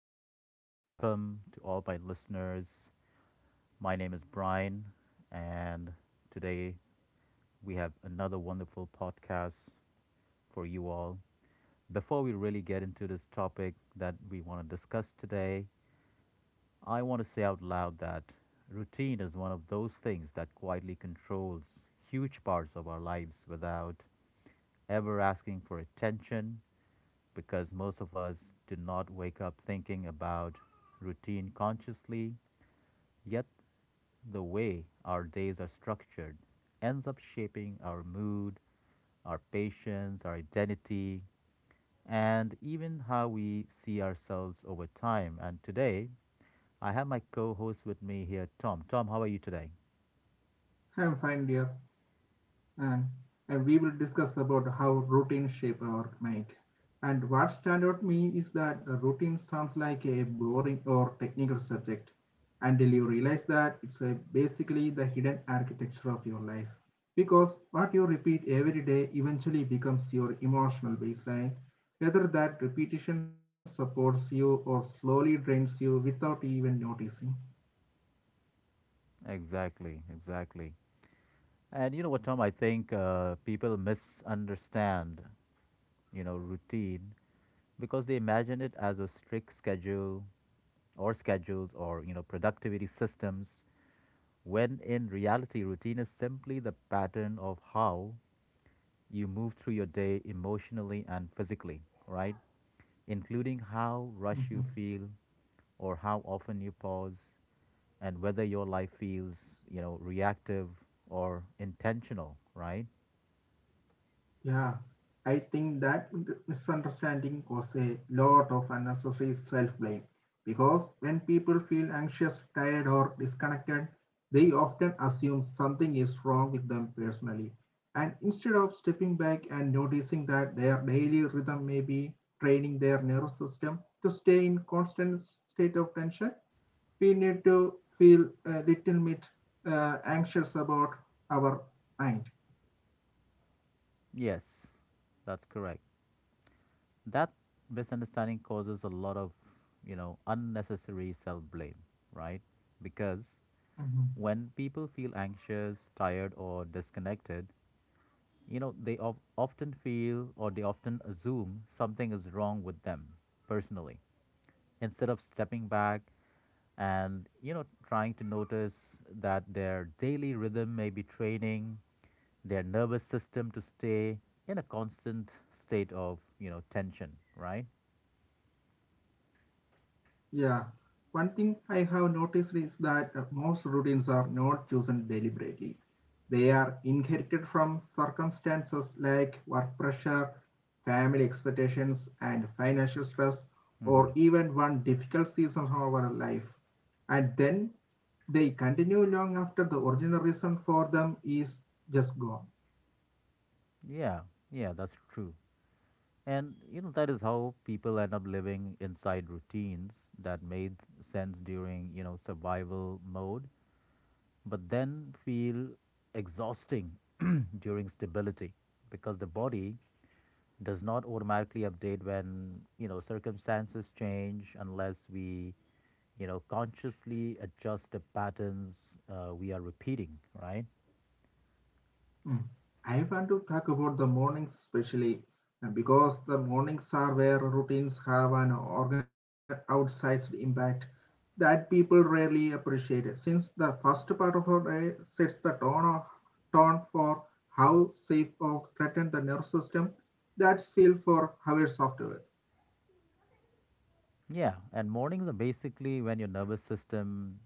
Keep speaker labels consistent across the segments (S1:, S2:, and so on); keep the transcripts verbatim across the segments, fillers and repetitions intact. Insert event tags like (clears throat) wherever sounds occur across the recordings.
S1: hello. Welcome to all my listeners. My name is Brian, and today we have another wonderful podcast for you all. Before we really get into this topic that we want to discuss today, I want to say out loud that routine is one of those things that quietly controls huge parts of our lives without ever asking for attention because most of us do not wake up thinking about routine consciously. Yet, the way our days are structured ends up shaping our mood, our patience, our identity, and even how we see ourselves over time. And today, I have my co host with me here, Tom. Tom, how are you today?
S2: I'm fine, dear. And uh, We will discuss about how routines shape our mind. And what stand out me is that a routine sounds like a boring or technical subject until you realize that it's a basically the hidden architecture of your life. Because what you repeat every day eventually becomes your emotional baseline, whether that repetition supports you or slowly drains you without even noticing.
S1: Exactly, exactly. And you know what, Tom? I think uh, people misunderstand, you know, routine because they imagine it as a strict schedule or schedules or, you know, productivity systems. When in reality, routine is simply the pattern of how you move through your day emotionally and physically, right? Including how rush
S2: Mhm.
S1: you feel or how often you pause and whether your life feels, you know, reactive or intentional, right?
S2: Yeah, I think that misunderstanding causes a lot of unnecessary self blame because when people feel anxious, tired, or disconnected, they often assume something is wrong with them personally. And instead of stepping back and noticing that their daily rhythm may be training their nervous system to stay in constant state of tension, we need to feel a little bit uh, anxious about our mind.
S1: Yes, that's correct. That misunderstanding causes a lot of, you know, unnecessary self blame, right? Because when people feel anxious, tired, or disconnected, you know, they of often feel or they often assume something is wrong with them personally instead of stepping back and, you know, trying to notice that their daily rhythm may be training their nervous system to stay in a constant state of, you know, tension, right?
S2: Yeah, one thing I have noticed is that uh, most routines are not chosen deliberately. They are inherited from circumstances like work pressure, family expectations, and financial stress, or
S1: Mm-hmm.
S2: even one difficult season of our life. And then they continue long after the original reason for them is just gone.
S1: Yeah, yeah, that's true. And you know that is how people end up living inside routines that made sense during, you know, survival mode but then feel exhausting (clears throat) during stability because the body does not automatically update when you know circumstances change unless we you know consciously adjust the patterns uh, we are repeating, right.
S2: Mm. I want to talk about the mornings, especially uh, because the mornings are where routines have an organ- outsized impact that people rarely appreciate. it, Since the first part of our day sets the tone, of, tone for how safe or threatened the nervous system, that's feel for hours afterward.
S1: Yeah, and mornings are basically when your nervous system,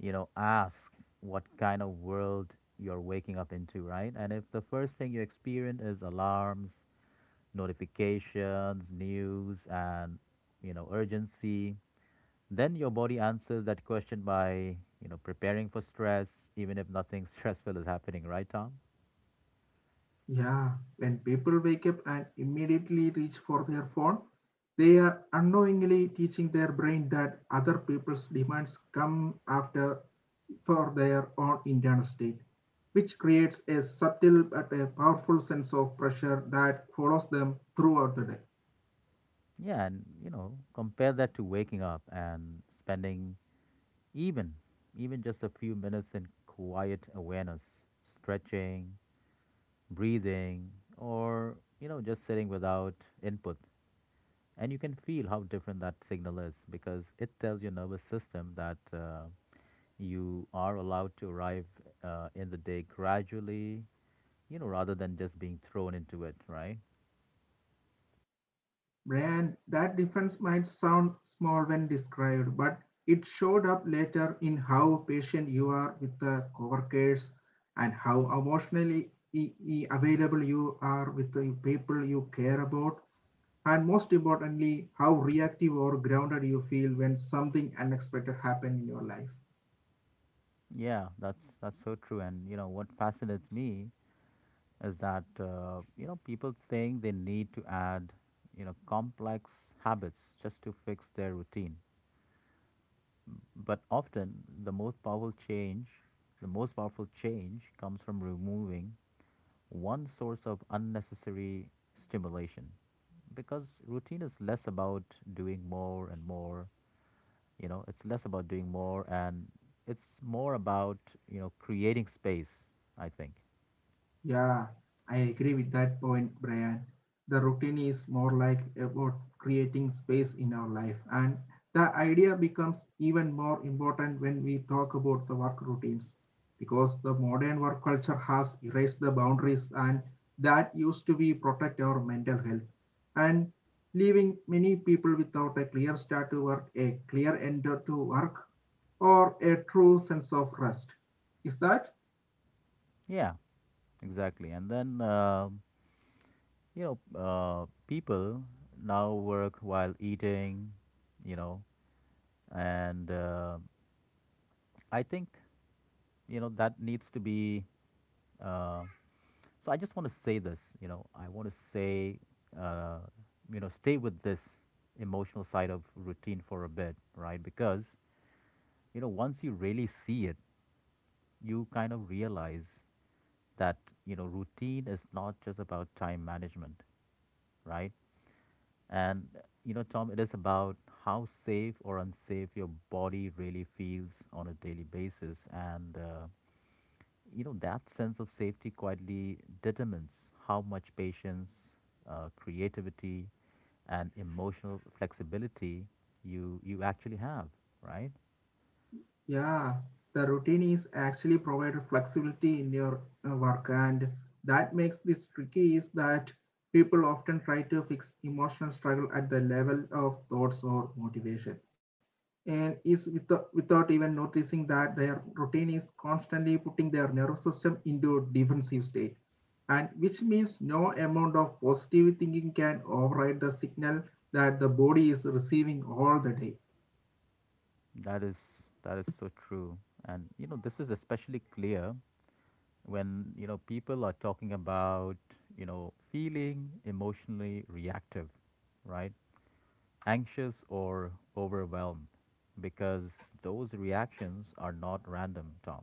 S1: you know asks what kind of world you're waking up into, right? And if the first thing you experience is alarms, notifications, news, and you know urgency. Then your body answers that question by you know preparing for stress, even if nothing (laughs) stressful is happening, right, Tom?
S2: Yeah, when people wake up and immediately reach for their phone, they are unknowingly teaching their brain that other people's demands come after for their own internal state, which creates a subtle but a powerful sense of pressure that follows them throughout the day.
S1: Yeah, and you know compare that to waking up and spending even even just a few minutes in quiet awareness, stretching, breathing, or you know just sitting without input. And you can feel how different that signal is because it tells your nervous system that uh, you are allowed to arrive uh, in the day gradually, you know rather than just being thrown into it, right.
S2: And that difference might sound small when described, but it showed up later in how patient you are with the coworkers and how emotionally e- e- available you are with the people you care about, and most importantly, how reactive or grounded you feel when something unexpected happens in your life.
S1: Yeah, that's that's so true. And you know what fascinates me is that uh, you know people think they need to add you know complex habits just to fix their routine. But often the most powerful change, the most powerful change comes from removing one source of unnecessary stimulation, because routine is less about doing more and more. You know it's less about doing more, and it's more about you know creating space, I think.
S2: Yeah, I agree with that point, Brian. The routine is more like about creating space in our life, and the idea becomes even more important when we talk about the work routines because the modern work culture has erased the boundaries and that used to be protect our mental health and leaving many people without a clear start to work, a clear end to work, or a true sense of rest. Is that?
S1: Yeah, exactly. And then, uh, you know uh, people now work while eating, you know and uh, I think you know that needs to be uh, so I just want to say this, you know, I want to say, uh, you know, stay with this emotional side of routine for a bit, right? Because, you know, once you really see it, you kind of realize that, you know, routine is not just about time management, right? And, you know, Tom, it is about how safe or unsafe your body really feels on a daily basis. And, uh, you know that sense of safety quietly determines how much patience, uh, creativity, and emotional flexibility you you actually have, right.
S2: Yeah, the routine is actually provided flexibility in your uh, work, and that makes this tricky is that people often try to fix emotional struggle at the level of thoughts or motivation, and is without, without even noticing that their routine is constantly putting their nervous system into defensive state, and which means no amount of positive thinking can override the signal that the body is receiving all the day.
S1: That is that is so true. And you know this is especially clear when you know people are talking about you know feeling emotionally reactive, right? Anxious or overwhelmed, because those reactions are not random, Tom.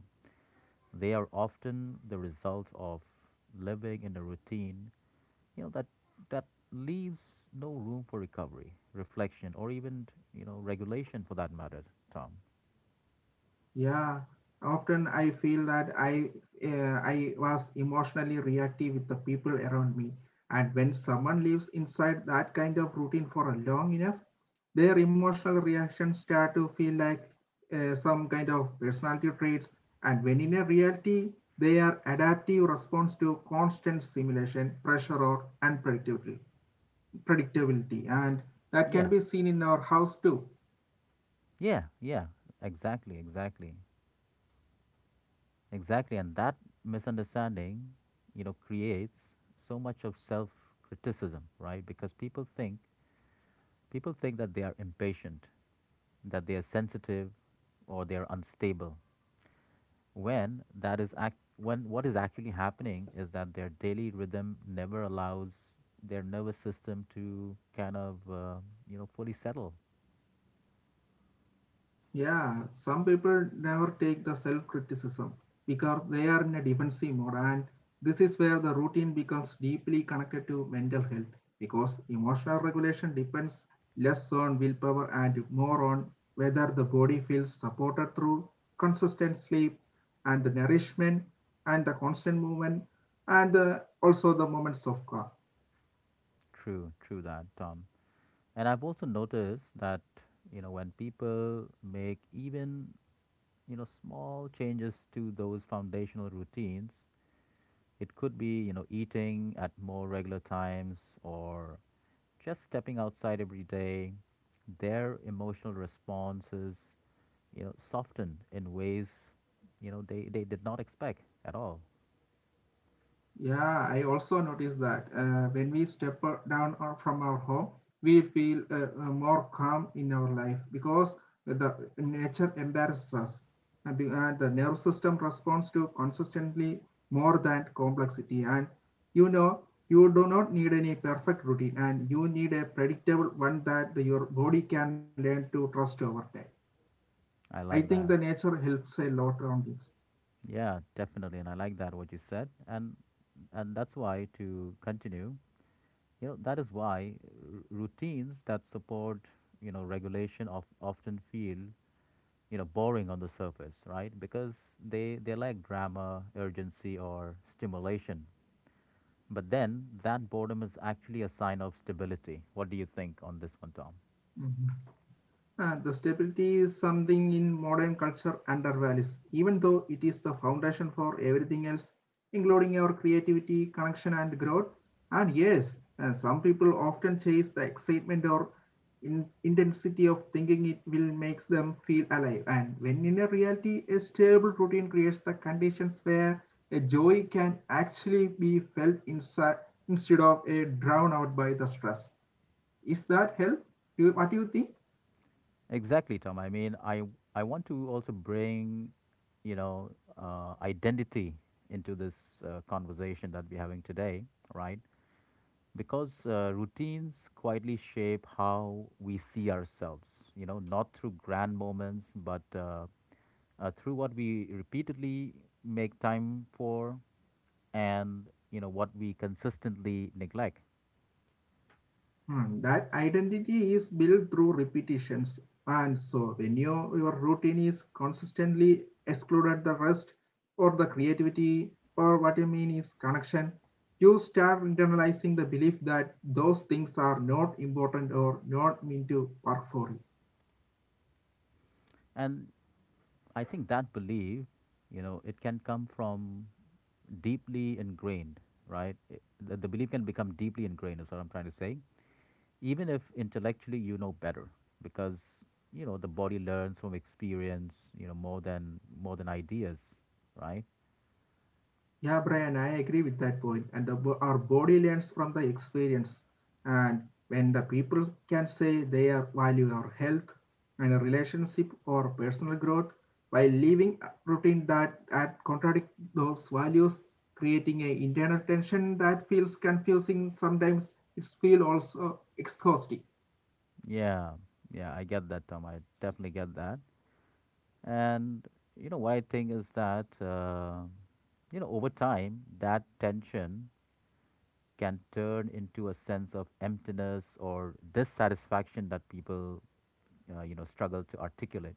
S1: They are often the result of living in a routine, you know, that that leaves no room for recovery, reflection, or even, you know, regulation for that matter, Tom.
S2: Yeah, often I feel that I uh, I was emotionally reactive with the people around me, and when someone lives inside that kind of routine for a long enough, their emotional reactions start to feel like uh, some kind of personality traits, and when in a reality, they are adaptive response to constant stimulation, pressure, or unpredictability. Predictability, and that can
S1: Yeah,
S2: be seen in our house too.
S1: yeah, yeah. Exactly, exactly, exactly. And that misunderstanding, you know, creates so much of self criticism, right? Because people think people think that they are impatient, that they are sensitive, or they are unstable, when that is act when what is actually happening is that their daily rhythm never allows their nervous system to kind of uh, you know fully settle.
S2: Yeah, some people never take the self criticism because they are in a defensive mode, and this is where the routine becomes deeply connected to mental health because emotional regulation depends less on willpower and more on whether the body feels supported through consistent sleep and the nourishment and the constant movement and the, also the moments of calm.
S1: True, true that, Tom. And I've also noticed that you know when people make even you know small changes to those foundational routines, it could be you know eating at more regular times, or just stepping outside every day, their emotional responses, you know, soften in ways, you know, they, they did not expect at all.
S2: Yeah, I also noticed that uh, when we step down or from our home, we feel uh, uh, more calm in our life because the nature embarrasses us and be- and the nervous system responds to consistently more than complexity. And you know, you do not need any perfect routine and you need a predictable one that the, your body can learn to trust over time.
S1: I
S2: I
S1: like
S2: think
S1: that.
S2: the nature helps a lot on this.
S1: Yeah, definitely. And I like that what you said. And and that's why, to continue, you know, that is why r- routines that support, you know, regulation of often feel, you know, boring on the surface, right? Because they they lack drama, urgency or stimulation. But then that boredom is actually a sign of stability. What do you think on this one, Tom?
S2: Uh, the stability is something in modern culture undervalues, even though it is the foundation for everything else, including our creativity, connection, and growth. And yes, uh, some people often chase the excitement or in- intensity of thinking it will makes them feel alive. And when in a reality, a stable routine creates the conditions where a joy can actually be felt inside instead of a drown out by the stress. Is that help? Do you, what do you think?
S1: Exactly, Tom. I mean, I I want to also bring, you know, uh, identity into this uh, conversation that we're having today, right? Because uh, routines quietly shape how we see ourselves. You know, not through grand moments, but uh, uh, through what we repeatedly make time for, and you know what we consistently neglect.
S2: Hmm, that identity is built through repetitions. And so when your, your routine is consistently excluded the rest or the creativity or what you mean is connection, you start internalizing the belief that those things are not important or not meant to work for you.
S1: And I think that belief, you know, it can come from deeply ingrained, right? It- The, the belief can become deeply ingrained, is what I'm trying to say. Even if intellectually you know better, because you know the body learns from experience, you know more than more than ideas, right?
S2: Yeah, Brian, I agree with that point. And the, bo- our body learns from the experience. And when the people can say they are value our health and a relationship or personal growth while living a routine that, that contradict those values, creating an internal tension that feels confusing, sometimes it feel also exhausting.
S1: Yeah, yeah, I get that, Tom. I definitely get that. And you know what I think is that uh, you know over time that tension can turn into a sense of emptiness or dissatisfaction that people uh, you know struggle to articulate,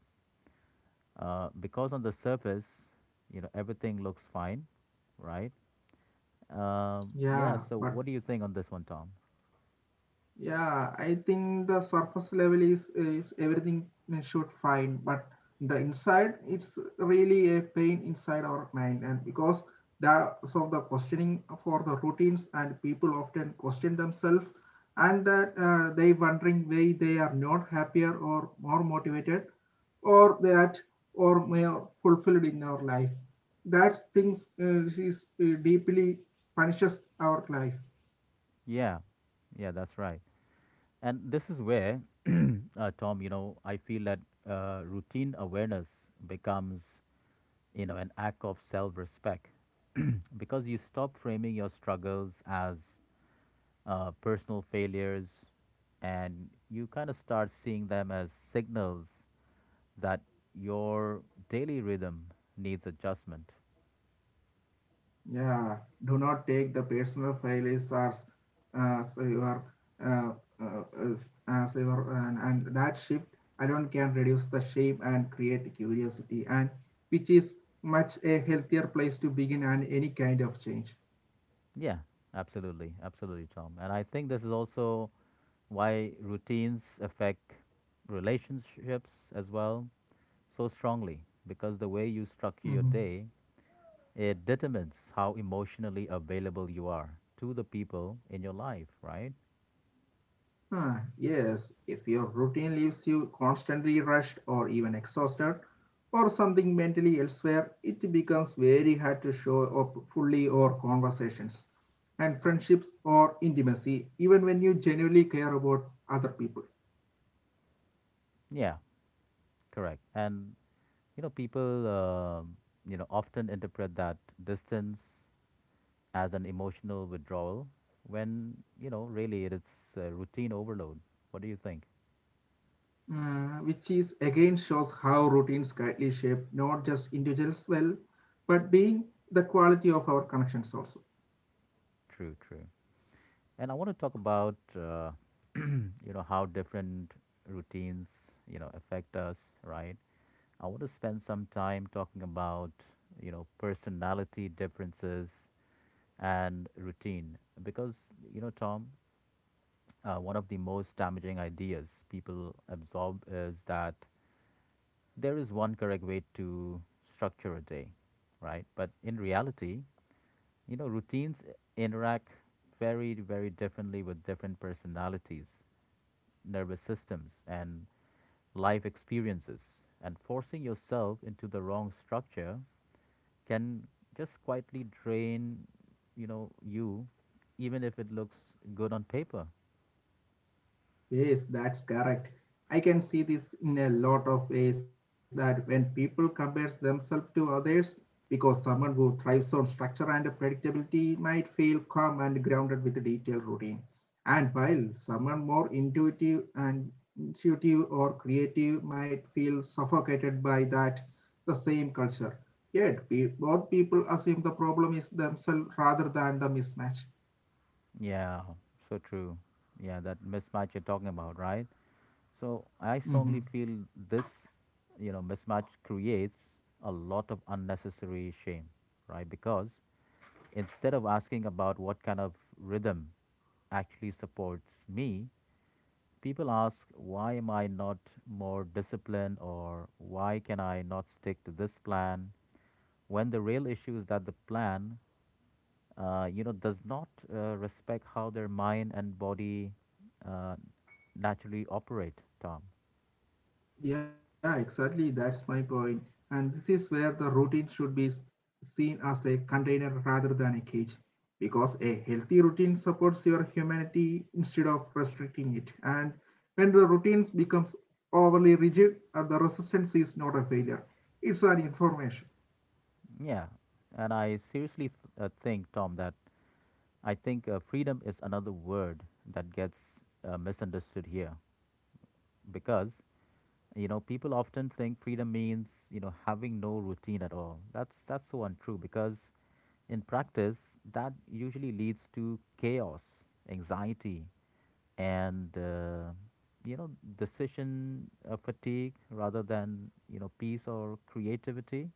S1: uh, because on the surface, you know, everything looks fine, right? Um, yeah.
S2: Yeah,
S1: So,
S2: but
S1: what do you think on this one, Tom?
S2: Yeah, I think the surface level is is everything should fine, but the inside it's really a pain inside our mind, and because that so the questioning for the routines and people often question themselves, and that uh, they wondering why they are not happier or more motivated, or that or more fulfilled in our life. That things uh, is uh, deeply punishes our life.
S1: Yeah, yeah, that's right. And this is where, (clears throat) uh, Tom, you know, I feel that uh, routine awareness becomes, you know, an act of self-respect (clears throat) because you stop framing your struggles as uh, personal failures, and you kind of start seeing them as signals that your daily rhythm needs adjustment.
S2: Yeah, do not take the personal failures as, as your uh, uh, as your and, and that shift alone can reduce the shame and create curiosity, and which is much a healthier place to begin and any kind of change.
S1: Yeah, absolutely. Absolutely, Tom. And I think this is also why routines affect relationships as well so strongly, because the way you structure your
S2: Mhm.
S1: day, it determines how emotionally available you are to the people in your life, right.
S2: Ah, yes, if your routine leaves you constantly rushed or even exhausted, or something mentally elsewhere, it becomes very hard to show up fully or conversations and friendships or intimacy, even when you genuinely care about other people.
S1: Yeah, correct. And you know people um you know often interpret that distance as an emotional withdrawal, when you know really, it's uh, routine overload. What do you think?
S2: Uh, which is again shows how routines greatly shape not just individuals well, but being the quality of our connections also.
S1: True, true. And I want to talk about uh, you know how different routines you know affect us, right? I want to spend some time talking about you know personality differences and routine, because you know Tom, uh, one of the most damaging ideas people absorb is that there is one correct way to structure a day, right? But in reality, you know, routines interact very, very differently with different personalities, nervous systems, and life experiences. And forcing yourself into the wrong structure can just quietly drain, you know, you, even if it looks good on paper.
S2: Yes, that's correct. I can see this in a lot of ways that when people compares themselves to others, because someone who thrives on structure and predictability might feel calm and grounded with a detailed routine. And while someone more intuitive and intuitive or creative might feel suffocated by that the same culture. Yet we, both people assume the problem is themselves rather than the mismatch.
S1: Yeah, so true. Yeah, that mismatch you're talking about, right? So I strongly
S2: Mm-hmm.
S1: feel this, you know, mismatch creates a lot of unnecessary shame, right? Because instead of asking about what kind of rhythm actually supports me, people ask, why am I not more disciplined, or why can I not stick to this plan? When the real issue is that the plan, uh, you know, does not uh, respect how their mind and body uh, naturally operate, Tom.
S2: Yeah, exactly. That's my point. And this is where the routine should be s- seen as a container rather than a cage, because a healthy routine supports your humanity instead of restricting it. And when the routines becomes overly rigid, uh, the resistance is not a failure; it's an information.
S1: Yeah, and I seriously th- uh, think, Tom, that I think uh, freedom is another word that gets uh, misunderstood here, because you know people often think freedom means you know having no routine at all. That's that's so untrue, because in practice that usually leads to chaos, anxiety, and uh, you know decision uh, fatigue, rather than you know peace or creativity.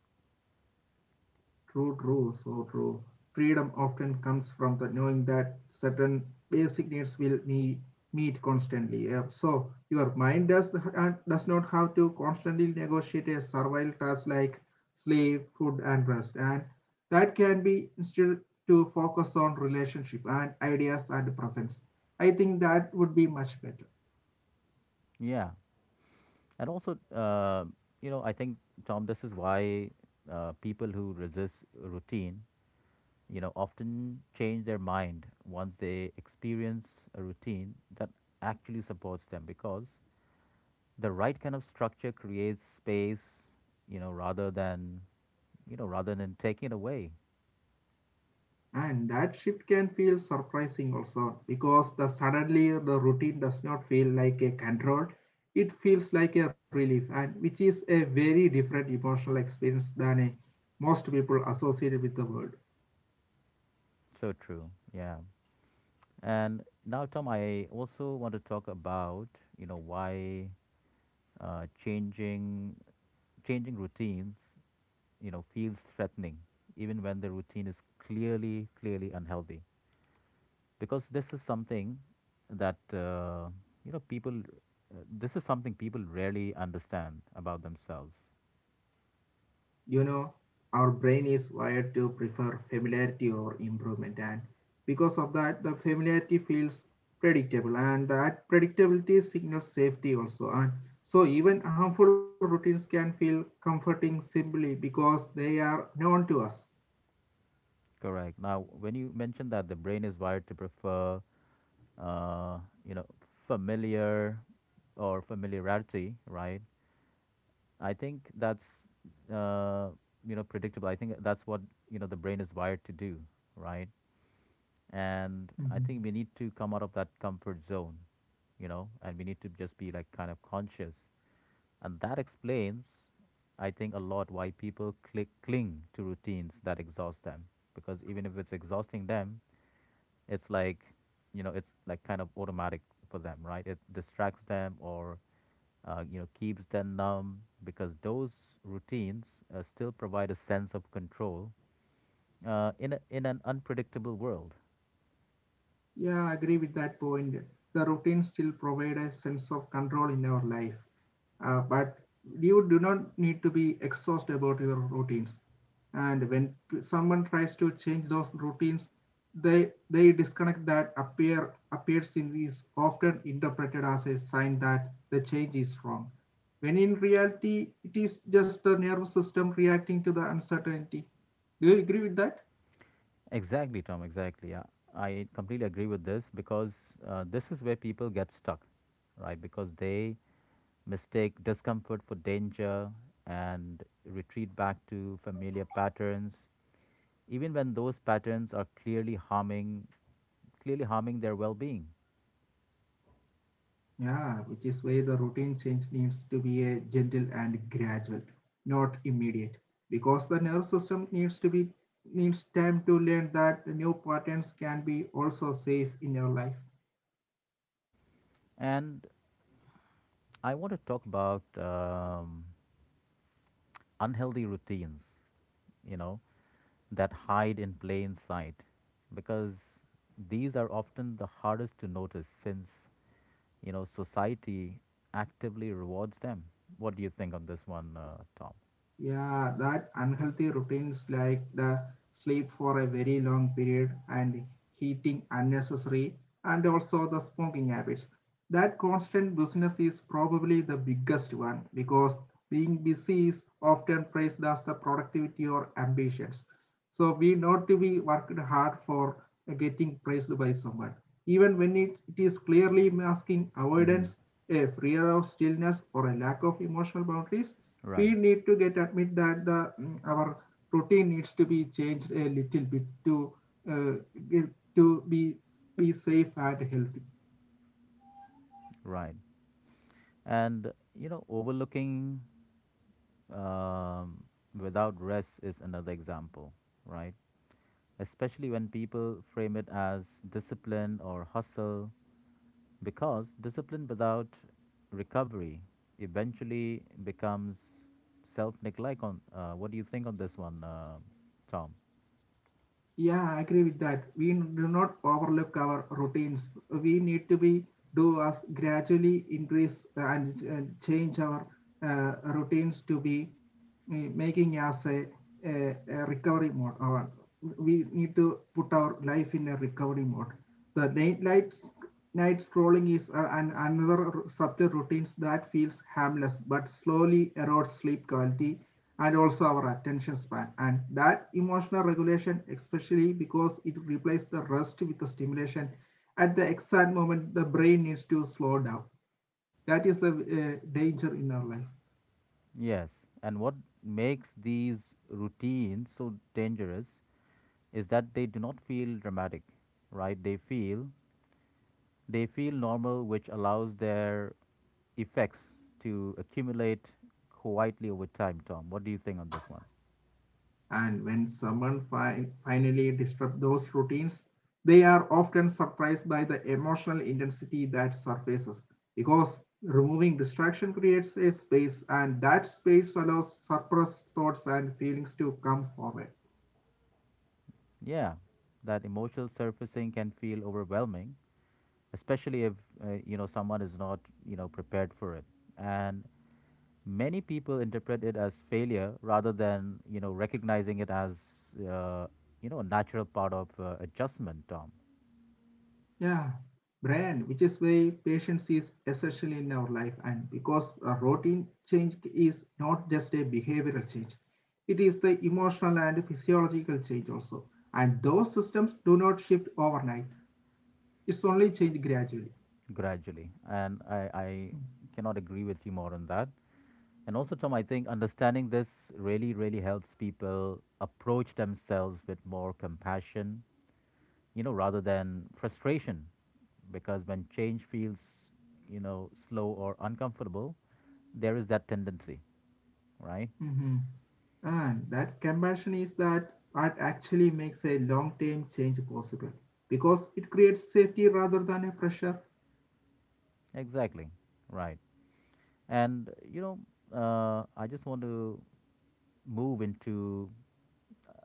S2: True, true, so true. Freedom often comes from the knowing that certain basic needs will be meet constantly. Yeah, so your mind does and does not have to constantly negotiate a survival task like sleep, food, and rest, and that can be instead to focus on relationship and ideas and presence. I think that would be much better.
S1: Yeah. And also, uh, you know, I think, Tom, this is why uh, people who resist routine, you know, often change their mind once they experience a routine that actually supports them, because the right kind of structure creates space, you know, rather than, you know, rather than taking it away.
S2: And that shift can feel surprising also because the suddenly the routine does not feel like a control. It feels like a relief, and which is a very different emotional experience than a, most people associated with the word.
S1: So true. Yeah. And now, Tom, I also want to talk about, you know, why uh, changing changing routines you know, feels threatening, even when the routine is clearly, clearly unhealthy. Because this is something that, uh, you know, people, uh, this is something people rarely understand about themselves.
S2: You know, our brain is wired to prefer familiarity over improvement, and because of that, the familiarity feels predictable, and that predictability signals safety also. And so, even harmful routines can feel comforting simply because they are known to us.
S1: Correct. Now, when you mentioned that the brain is wired to prefer, uh, you know, familiar or familiarity, right? I think that's, uh, you know, predictable. I think that's what, you know, the brain is wired to do, right? And I
S2: Mm-hmm.
S1: think we need to come out of that comfort zone, you know, and we need to just be like kind of conscious. And that explains, I think, a lot why people click, cling to routines that exhaust them. Because even if it's exhausting them, it's like, you know, it's like kind of automatic for them, right? It distracts them or, uh, you know, keeps them numb because those routines uh, still provide a sense of control uh, in, a, in an unpredictable world.
S2: Yeah, I agree with that point. The routine still provide a sense of control in our life, uh, but you do not need to be exhausted about your routines. And when p- someone tries to change those routines, they they disconnect that appear appears in is often interpreted as a sign that the change is wrong. When in reality, it is just the nervous system reacting to the uncertainty. Do you agree with that?
S1: Exactly, Tom. Exactly. I, I completely agree with this because uh, this is where people get stuck, right? Because they mistake discomfort for danger and retreat back to familiar patterns, even when those patterns are clearly harming, clearly harming their well-being.
S2: Yeah, which is why the routine change needs to be a gentle and gradual, not immediate, because the nervous system needs to be needs time to learn that the new patterns can be also safe in your life.
S1: And I want to talk about um, unhealthy routines, you know, that hide in plain sight, because these are often the hardest to notice since you know, society actively rewards them. What do you think on this one, uh, Tom?
S2: Yeah, that unhealthy routines like the sleep for a very long period and eating unnecessary and also the smoking habits. That constant business is probably the biggest one because being busy is often praised as the productivity or ambitions. So we not to be worked hard for getting praised by someone. Even when it, it is clearly masking
S1: Mm-hmm.
S2: avoidance, a fear of stillness, or a lack of emotional boundaries, we
S1: Right,
S2: need to get admit that the mm, our routine needs to be changed a little bit to uh, to be be safe and healthy.
S1: right. And, you know, overlooking um, without rest is another example, right? Especially when people frame it as discipline or hustle, because discipline without recovery eventually becomes self neglect. On uh, What do you think on this one, uh, Tom?
S2: Yeah, I agree with that. We do not overlook our routines. We need to be do us gradually increase and, and change our uh, routines to be uh, making as a, a, a recovery mode, or we need to put our life in a recovery mode. The late night night scrolling is uh, an, another subtle routines that feels harmless but slowly erodes sleep quality, and also our attention span and that emotional regulation, especially because it replaces the rest with the stimulation at the exact moment the brain needs to slow down. That is a, a danger in our life.
S1: Yes, and what makes these routines so dangerous is that they do not feel dramatic, right? They feel they feel normal, which allows their effects to accumulate quietly over time. Tom, what do you think on this one?
S2: And when someone fi- finally disrupts those routines, they are often surprised by the emotional intensity that surfaces, because removing distraction creates a space, and that space allows suppressed thoughts and feelings to come forward.
S1: Yeah, that emotional surfacing can feel overwhelming, especially if uh, you know someone is not you know prepared for it. And many people interpret it as failure rather than you know recognizing it as uh, you know a natural part of uh, adjustment, tom
S2: Yeah, Brian, which is why patience is essential in our life, and because a routine change is not just a behavioral change, it is the emotional and physiological change also. And those systems do not shift overnight, it's only change gradually.
S1: gradually and I, I cannot agree with you more on that. And also, tom i think understanding this really really helps people approach themselves with more compassion, you know rather than frustration, because when change feels you know slow or uncomfortable, there is that tendency, right?
S2: Mhm. And that compassion is that what actually makes a long term change possible, because it creates safety rather than a pressure.
S1: Exactly. Right. And you know uh, I just want to move into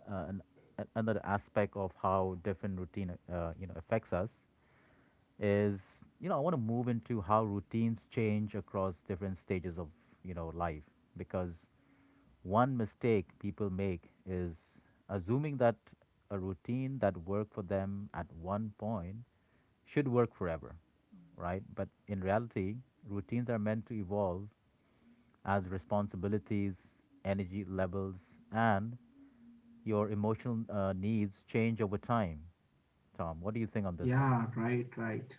S1: uh, an, a- another aspect of how different routine, uh, you know, affects us. Is you know, I want to move into how routines change across different stages of you know life, because one mistake people make is assuming that a routine that worked for them at one point should work forever, right? But in reality, routines are meant to evolve as responsibilities, energy levels, and your emotional uh, needs change over time. Tom, what do you think on this one?
S2: Yeah, right, right.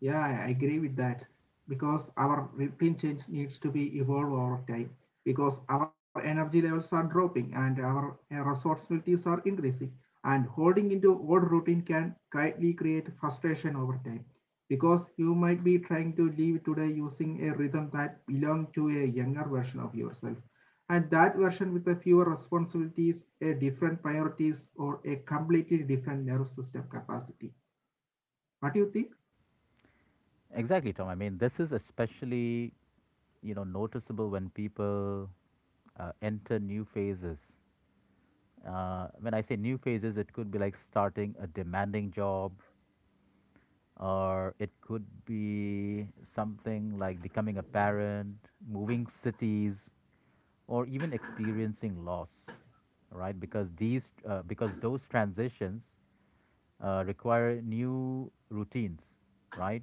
S2: Yeah, I agree with that, because our routine change needs to be evolved over time, because our energy levels are dropping and our responsibilities are increasing, and holding into old routine can quietly create frustration over time, because you might be trying to live today using a rhythm that belong to a younger version of yourself, and that version with a fewer responsibilities, a different priorities, or a completely different nerve system capacity. What do you think?
S1: Exactly, Tom. I mean, this is especially you know noticeable when people uh, enter new phases. Uh, when I say new phases, it could be like starting a demanding job, or it could be something like becoming a parent, moving cities, or even experiencing loss, right? Because these, uh, because those transitions uh, require new routines, right?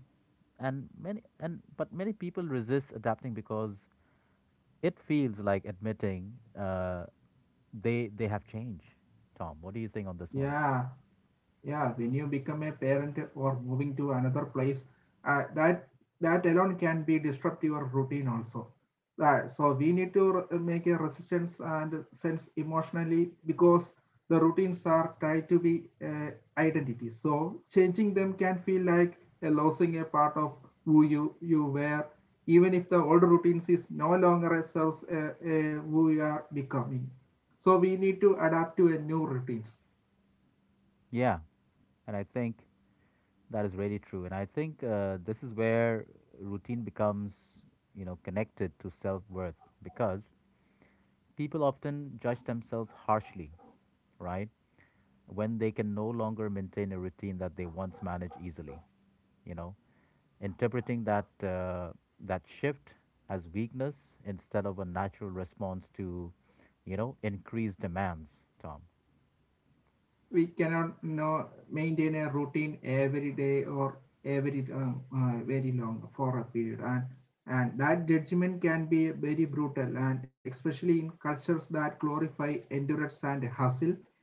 S1: And many, and but many people resist adapting because it feels like admitting uh, they they have changed. Tom, what do you think on this one?
S2: Yeah. Yeah, when you become a parent or moving to another place, uh, that that alone can be disrupt your routine also. Uh, so we need to re- make a resistance and sense emotionally, because the routines are tied to be uh, identity. So changing them can feel like a losing a part of who you you were, even if the old routines is no longer serves uh, uh, who you are becoming. So we need to adapt to a new routines.
S1: Yeah, and I think That is really true. And I think uh, this is where routine becomes, you know, connected to self worth, because people often judge themselves harshly, right? When they can no longer maintain a routine that they once managed easily, you know, interpreting that uh, that shift as weakness instead of a natural response to, you know, increased demands. Tom.
S2: We cannot, you know, maintain a routine every day or every uh, uh, very long for a period, and and that judgment can be very brutal, and especially in cultures that glorify endurance and hustle,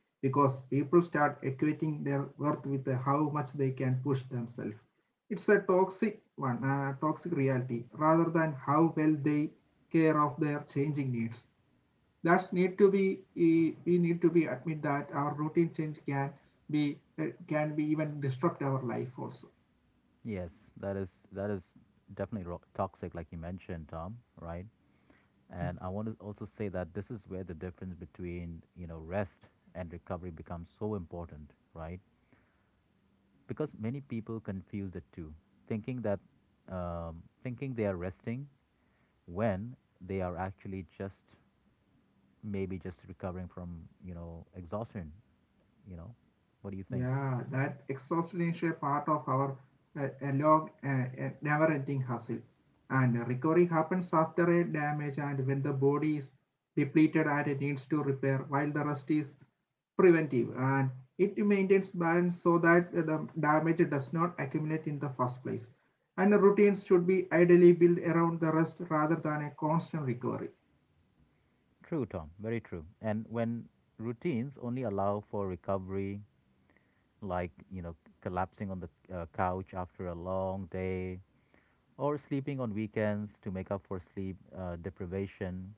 S2: because people start equating their worth with the how much they can push themselves. It's a toxic one, uh, toxic reality rather than how well they care of their changing needs. That's need to be we need to be admit that our routine change can be can be even disrupt our life also.
S1: Yes, that is that is definitely ro- toxic, like you mentioned, Tom. Right. And I want to also say that this is where the difference between, you know, rest and recovery becomes so important, right? Because many people confuse the two, thinking that um, thinking they are resting when they are actually just maybe just recovering from, you know, exhaustion, you know. What do you think?
S2: Yeah, that exhaustion is a part of our uh, a long uh, uh, never ending hustle, and recovery happens after a damage and when the body is depleted and it needs to repair, while the rest is preventive and it maintains balance so that the damage does not accumulate in the first place. And the routines should be ideally built around the rest rather than a constant recovery.
S1: True, Tom. Very true. And when routines only allow for recovery, like you know, collapsing on the uh, couch after a long day, or sleeping on weekends to make up for sleep uh, deprivation.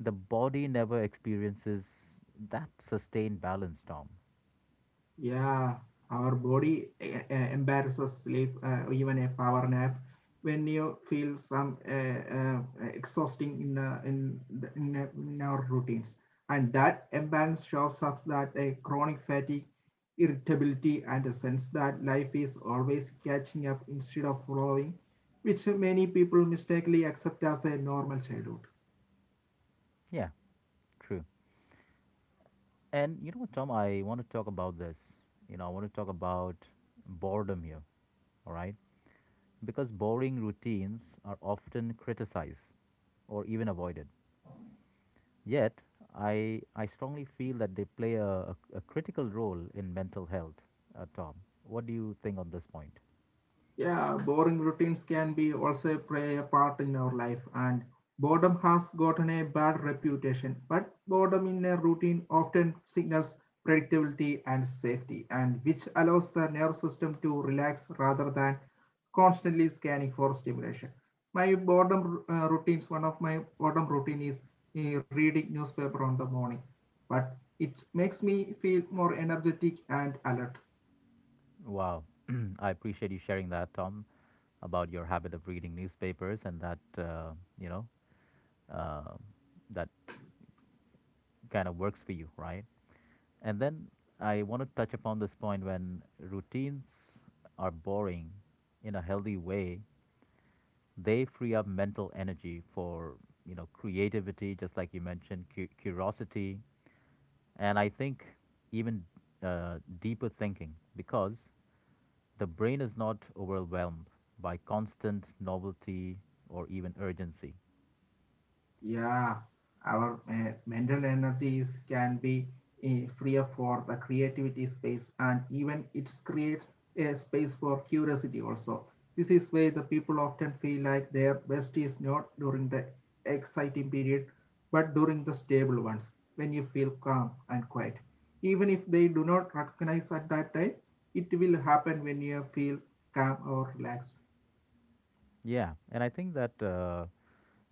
S1: The body never experiences that sustained balance, Tom.
S2: Yeah, our body e- e- embarrasses sleep, uh, even a power nap. When you feel some uh, uh, exhausting in, uh, in, the- in, uh, in our routines, and that imbalance shows up that a chronic fatigue, irritability, and a sense that life is always catching up instead of flowing, which many people mistakenly accept as a normal childhood.
S1: Yeah, true. And you know what, Tom, I want to talk about this. You know, I want to talk about boredom here, all right? Because boring routines are often criticized or even avoided. Yet, I, I strongly feel that they play a, a, a critical role in mental health, uh, Tom. What do you think on this point?
S2: Yeah, boring routines can be also play a part in our life, and boredom has gotten a bad reputation. But boredom in a routine often signals predictability and safety, and which allows the nervous system to relax rather than constantly scanning for stimulation. My boredom uh, routines, one of my boredom routine is uh, reading newspaper on the morning, but it makes me feel more energetic and alert.
S1: Wow. (clears throat) I appreciate you sharing that, Tom, about your habit of reading newspapers and that, uh, you know, uh, that kind of works for you, right? And then I want to touch upon this point when routines are boring in a healthy way, they free up mental energy for, you know, creativity, just like you mentioned, cu- curiosity, and I think even uh, deeper thinking, because The brain is not overwhelmed by constant novelty or even urgency.
S2: Yeah, our uh, mental energies can be uh, freer for the creativity space, and even it creates a space for curiosity also. This is where the people often feel like their best is not during the exciting period, but during the stable ones, when you feel calm and quiet. Even if they do not recognize at that time, it will happen when you feel calm or relaxed.
S1: Yeah, and I think that, uh,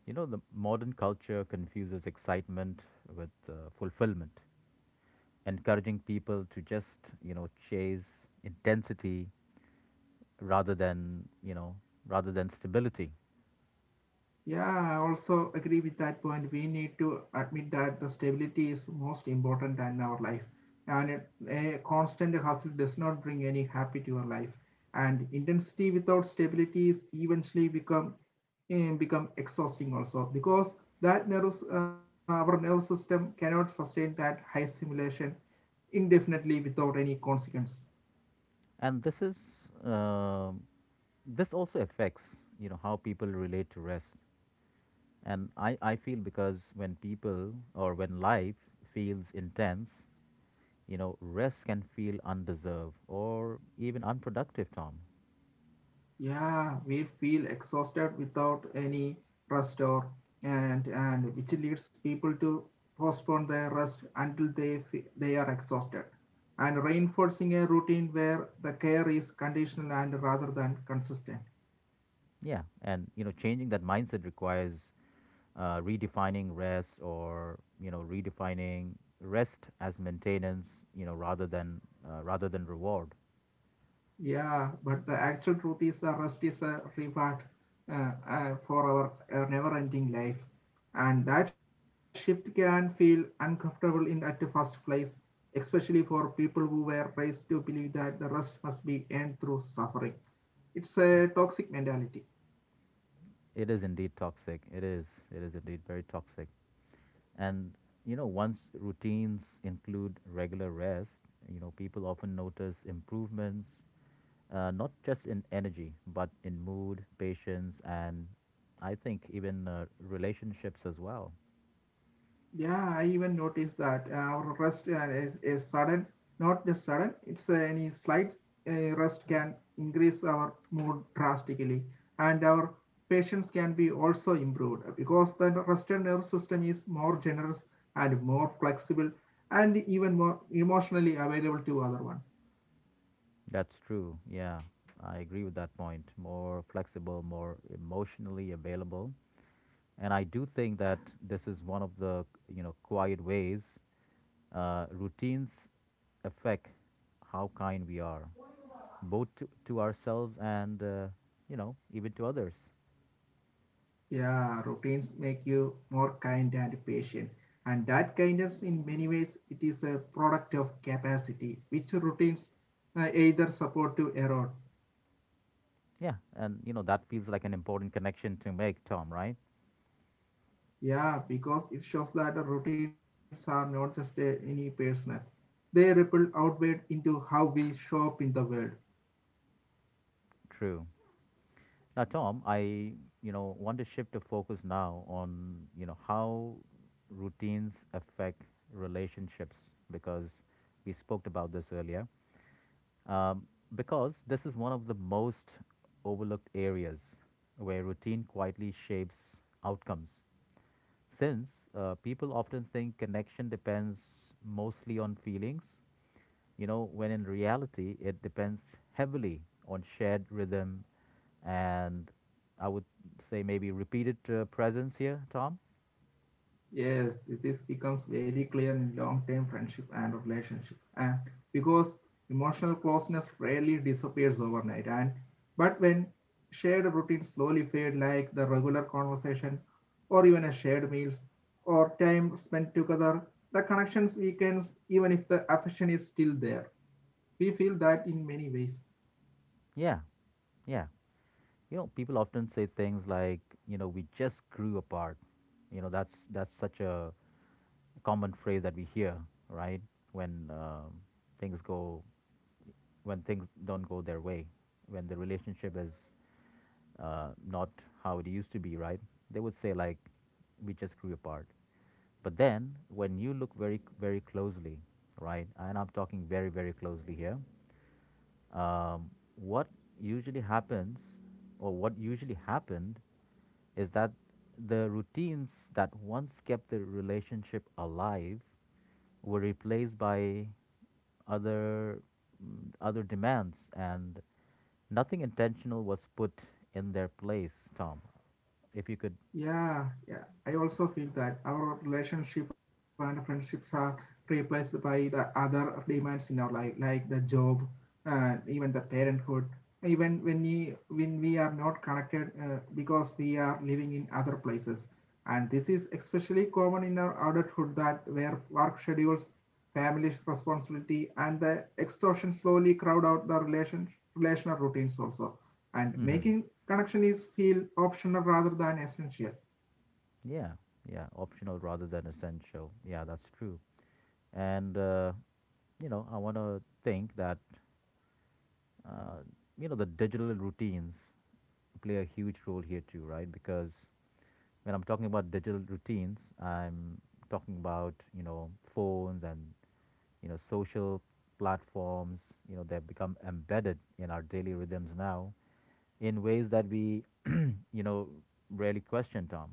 S1: you know, the modern culture confuses excitement with uh, fulfillment, encouraging people to just, you know, chase intensity rather than, you know, rather than stability.
S2: Yeah, I also agree with that point. We need to admit that the stability is most important in our life, and it- a constant hustle does not bring any happy to your life. And intensity without stability is eventually become eh, become exhausting also, because that nervous uh, our nervous system cannot sustain that high stimulation indefinitely without any consequence.
S1: And this is, um this also affects, you know, how people relate to rest. And I, I feel because when people or when life feels intense, You know, rest can feel undeserved or even unproductive, Tom.
S2: Yeah, we feel exhausted without any rest or and and which leads people to postpone their rest until they fe- they are exhausted, and reinforcing a routine where the care is conditional and rather than consistent.
S1: Yeah, and you know, changing that mindset requires uh, redefining rest, or you know, redefining rest as maintenance. You know, rather than uh, rather than reward.
S2: Yeah, but the actual truth is the rest is a reward uh, uh, for our uh, never ending life. And that shift can feel uncomfortable in at the first place, especially for people who were raised to believe that the rest must be earned through suffering. It's a toxic mentality.
S1: It is indeed toxic. It is. It is indeed very toxic. And you know, once routines include regular rest, you know, people often notice improvements, uh, not just in energy, but in mood, patience, and I think even uh, relationships as well.
S2: Yeah, I even noticed that uh, our rest uh, is, is sudden, not just sudden, it's uh, any slight uh, rust can increase our mood drastically, and our patience can be also improved, because the rusted nervous system is more generous and more flexible and even more emotionally available to other one.
S1: That's true. Yeah, I agree with that point. More flexible, more emotionally available, and I do think that this is one of the you know quiet ways uh, routines affect how kind we are, both to, to ourselves, and uh, you know even to others.
S2: Yeah, routines make you more kind and patient. And that kindness, in many ways, it is a product of capacity, which routines uh, either support to erode.
S1: Yeah, and you know that feels like an important connection to make, Tom. Right?
S2: Yeah, because it shows that the routines are not just uh, any personal. They ripple outward into how we show up in the world.
S1: True. Now, Tom, I, you know, want to shift the focus now on, you know, how routines affect relationships because we spoke about this earlier. Um, because this is one of the most overlooked areas where routine quietly shapes outcomes. Since uh, people often think connection depends mostly on feelings, you know, when in reality it depends heavily on shared rhythm, and I would say maybe repeated uh, presence here, Tom.
S2: Yes, this is becomes very clear in long-term friendship and relationship. And because emotional closeness rarely disappears overnight, and but when shared routines slowly fade, like the regular conversation, or even a shared meals, or time spent together, the connections weakens even if the affection is still there. We feel that in many ways.
S1: Yeah, yeah. You know, people often say things like, you know, we just grew apart. You know, that's that's such a common phrase that we hear, right? When um things go, when things don't go their way, when the relationship is uh, not how it used to be, right? They would say like, "We just grew apart." But then, when you look very, very closely, right? And I'm talking very, very closely here. Um, what usually happens, or what usually happened, is that the routines that once kept the relationship alive were replaced by other mm, other demands, and nothing intentional was put in their place. Tom, if you could.
S2: Yeah, yeah. I also feel that our relationship and friendships are replaced by the other demands in our life, like the job, uh, even the parenthood. Even when we when we are not connected, uh, because we are living in other places, and this is especially common in our adulthood that where work schedules, family responsibility, and the extortion slowly crowd out the relation relational routines also, and
S1: hmm
S2: making connection is feel optional rather than essential.
S1: yeah, yeah, optional rather than essential. Yeah, that's true. And uh, you know, I want to think that uh, you know the digital routines play a huge role here too, right? Because when I'm talking about digital routines, I'm talking about you know phones and you know social platforms. You know they've become embedded in our daily rhythms now in ways that we you know rarely question, Tom.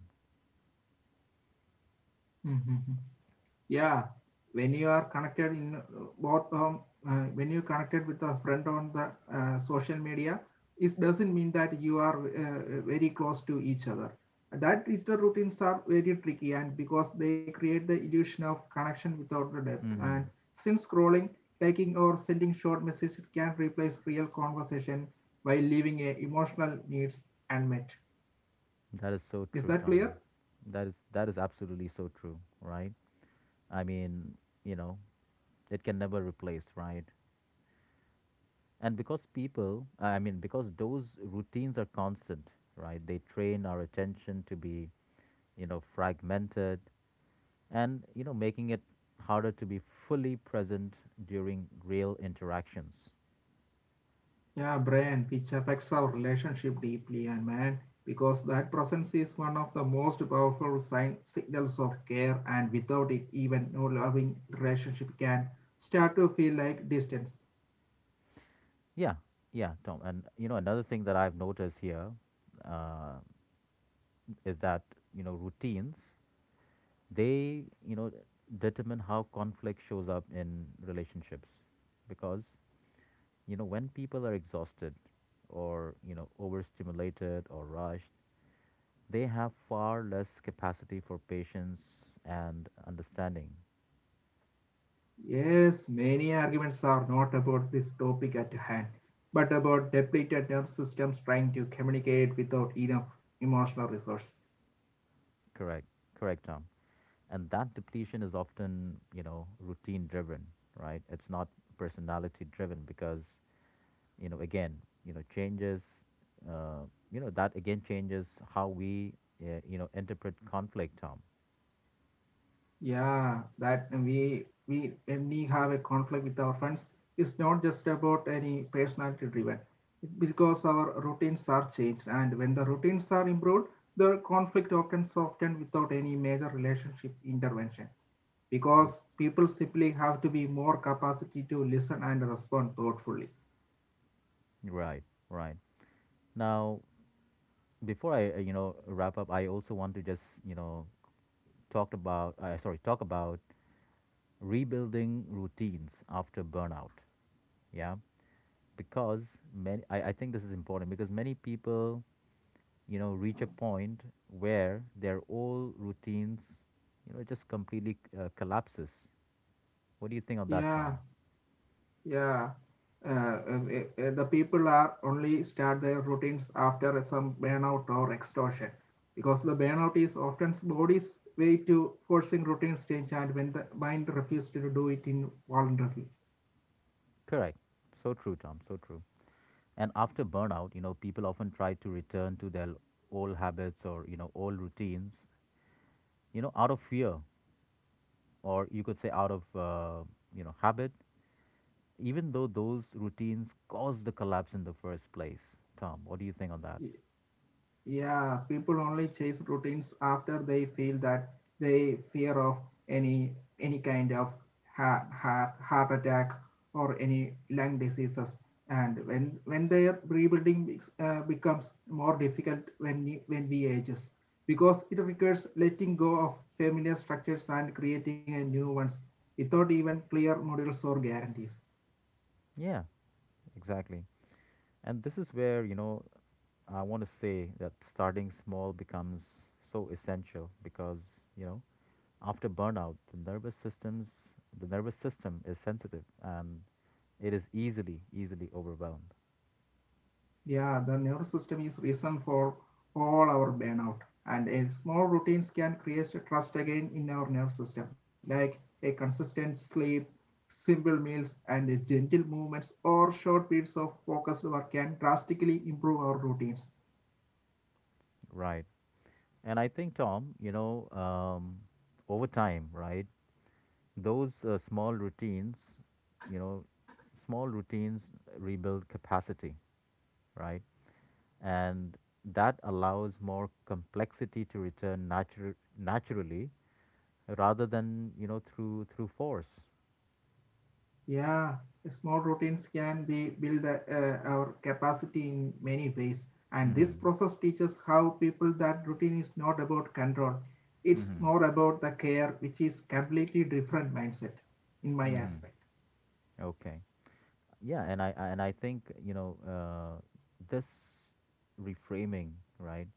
S2: Mm-hmm. Yeah, when you are connected in uh, both um, uh, when you connected with a friend on the uh, social media, it doesn't mean that you are uh, very close to each other. That is the routines are very tricky, and because they create the illusion of connection without the depth, and
S1: Mm-hmm.
S2: since scrolling taking or sending short messages can replace real conversation by leaving a emotional needs unmet.
S1: That is so
S2: Is
S1: true,
S2: that clear?
S1: Tom. That is that is absolutely so true, right? I mean, you know, it can never replace, right? And because people, I mean, because those routines are constant, right? They train our attention to be, you know, fragmented, and, you know, making it harder to be fully present during real interactions.
S2: Yeah, Brian, which affects our relationship deeply, and man, because that presence is one of the most powerful sign, signals of care, and without it, even no loving relationship can start to feel like distance.
S1: Yeah, yeah, Tom. And, you know, another thing that I've noticed here uh, is that, you know, routines, they, you know, determine how conflict shows up in relationships, because you know when people are exhausted or you know overstimulated or rushed, they have far less capacity for patience and understanding.
S2: Yes, many arguments are not about this topic at hand, but about depleted nerve systems trying to communicate without enough emotional resource.
S1: Correct, correct, Tom. And that depletion is often you know routine driven, right? It's not personality driven, because you know again, you know changes, uh, you know that again changes how we, uh, you know interpret conflict, Tom.
S2: Yeah, that we we when we have a conflict with our friends. It's not just about any personality driven, It- because our routines are changed, and when the routines are improved, the conflict often soften without any major relationship intervention.
S1: R-
S2: Because people simply have to be more capacity to listen and respond thoughtfully.
S1: Right, right. Now, before I uh, you know wrap up, I also want to just you know talk about uh, sorry talk about rebuilding routines after burnout. Yeah, because many I, I think this is important because many people you know reach a point where their old routines you know just completely uh, collapses. What do you think of that,
S2: Yeah.
S1: Tom?
S2: Yeah, uh, um, eh, eh, the people are only start their routines after some burnout or exhaustion, because the burnout is often body's way to forcing routines change and when the mind refuses to do it involuntarily.
S1: Correct. So true, Tom. So true. And after burnout, you know, people often try to return to their old habits, or you know old routines, you know, out of fear, or you could say out of uh, you know habit, even though those routines caused the collapse in the first place. Tom, what do you think on that?
S2: Yeah, people only chase routines after they feel that they fear of any any kind of heart, heart, heart attack or any lung diseases. And when when their rebuilding becs- uh, becomes more difficult when we- when we ages, because it requires letting go of familiar structures and creating a new ones without even clear models or guarantees.
S1: Yeah, exactly. And this is where you know I want to say that starting small becomes so essential, because you know after burnout, the nervous systems, the nervous system is sensitive, and it is easily easily overwhelmed.
S2: Yeah, the nervous system is reason for all our burnout, and a small routines can create a trust again in our nervous system, like a consistent sleep, simple meals, and a gentle movements or short periods of focused work can drastically improve our routines.
S1: Right. And I think, Tom, you know, um, over time, right? those uh, small routines, you know, small routines rebuild capacity, right? And that allows more complexity to return natu- naturally, rather than, you know, through through force.
S2: Yeah, small routines can be build uh, uh, our capacity in many ways, and this
S1: Mhm.
S2: process teaches how people that routine is not about control. It's
S1: Mhm.
S2: more about the care, which is completely different mindset in my
S1: Mhm.
S2: aspect.
S1: Okay. Yeah, and I I- and I think, you know, uh, this reframing, right?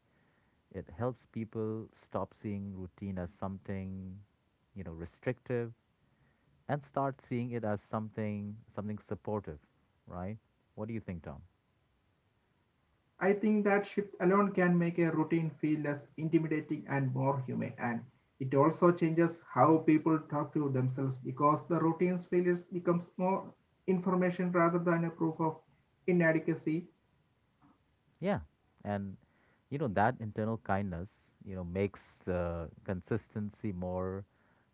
S1: It helps people stop seeing routine as something, you know, restrictive, and start seeing it as something something supportive, right? What do you think, Tom?
S2: I think that shift alone can make a routine feel less intimidating and more human, and it also changes how people talk to themselves, because the routine's failures becomes more information rather than a proof of inadequacy.
S1: Yeah, and you know that internal kindness, you know, makes uh, consistency more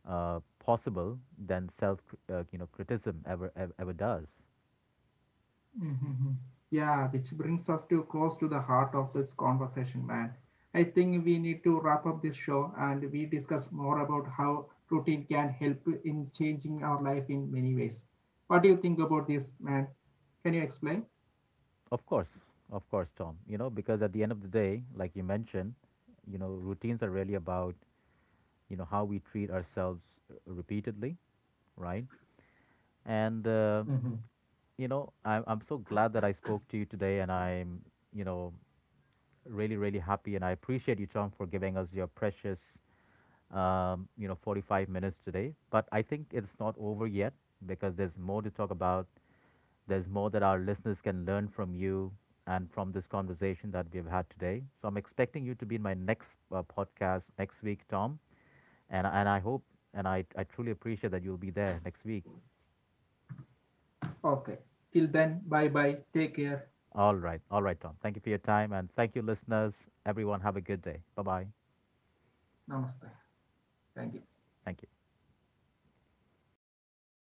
S1: uh, possible than self, uh, you know, criticism ever, ever ever does.
S2: Mhm. Yeah, which brings us to close to the heart of this conversation, man. I think we need to wrap up this show and we discuss more about how routine can help in changing our life in many ways. What do you think about this, man? Can you explain?
S1: Of course, of course, Tom. You know, because at the end of the day, like you mentioned, you know, routines are really about you know how we treat ourselves uh, repeatedly, right? And uh,
S2: Mhm.
S1: you know, I'm, I'm so glad that I spoke to you today, and I'm, you know, really, really happy. And I appreciate you, Chong, for giving us your precious, um, you know, forty-five minutes today. But I think it's not over yet, because there's more to talk about. There's more that our listeners can learn from you, and from this conversation that we've had today. So I'm expecting you to be in my next uh, podcast next week, Tom. And, and I hope, and I, I truly appreciate that you'll be there next week.
S2: Okay. Till then, bye bye. Take care.
S1: All right. All right, Tom. Thank you for your time. And thank you, listeners. Everyone, have a good day. Bye bye.
S2: Namaste. Thank you.
S1: Thank you.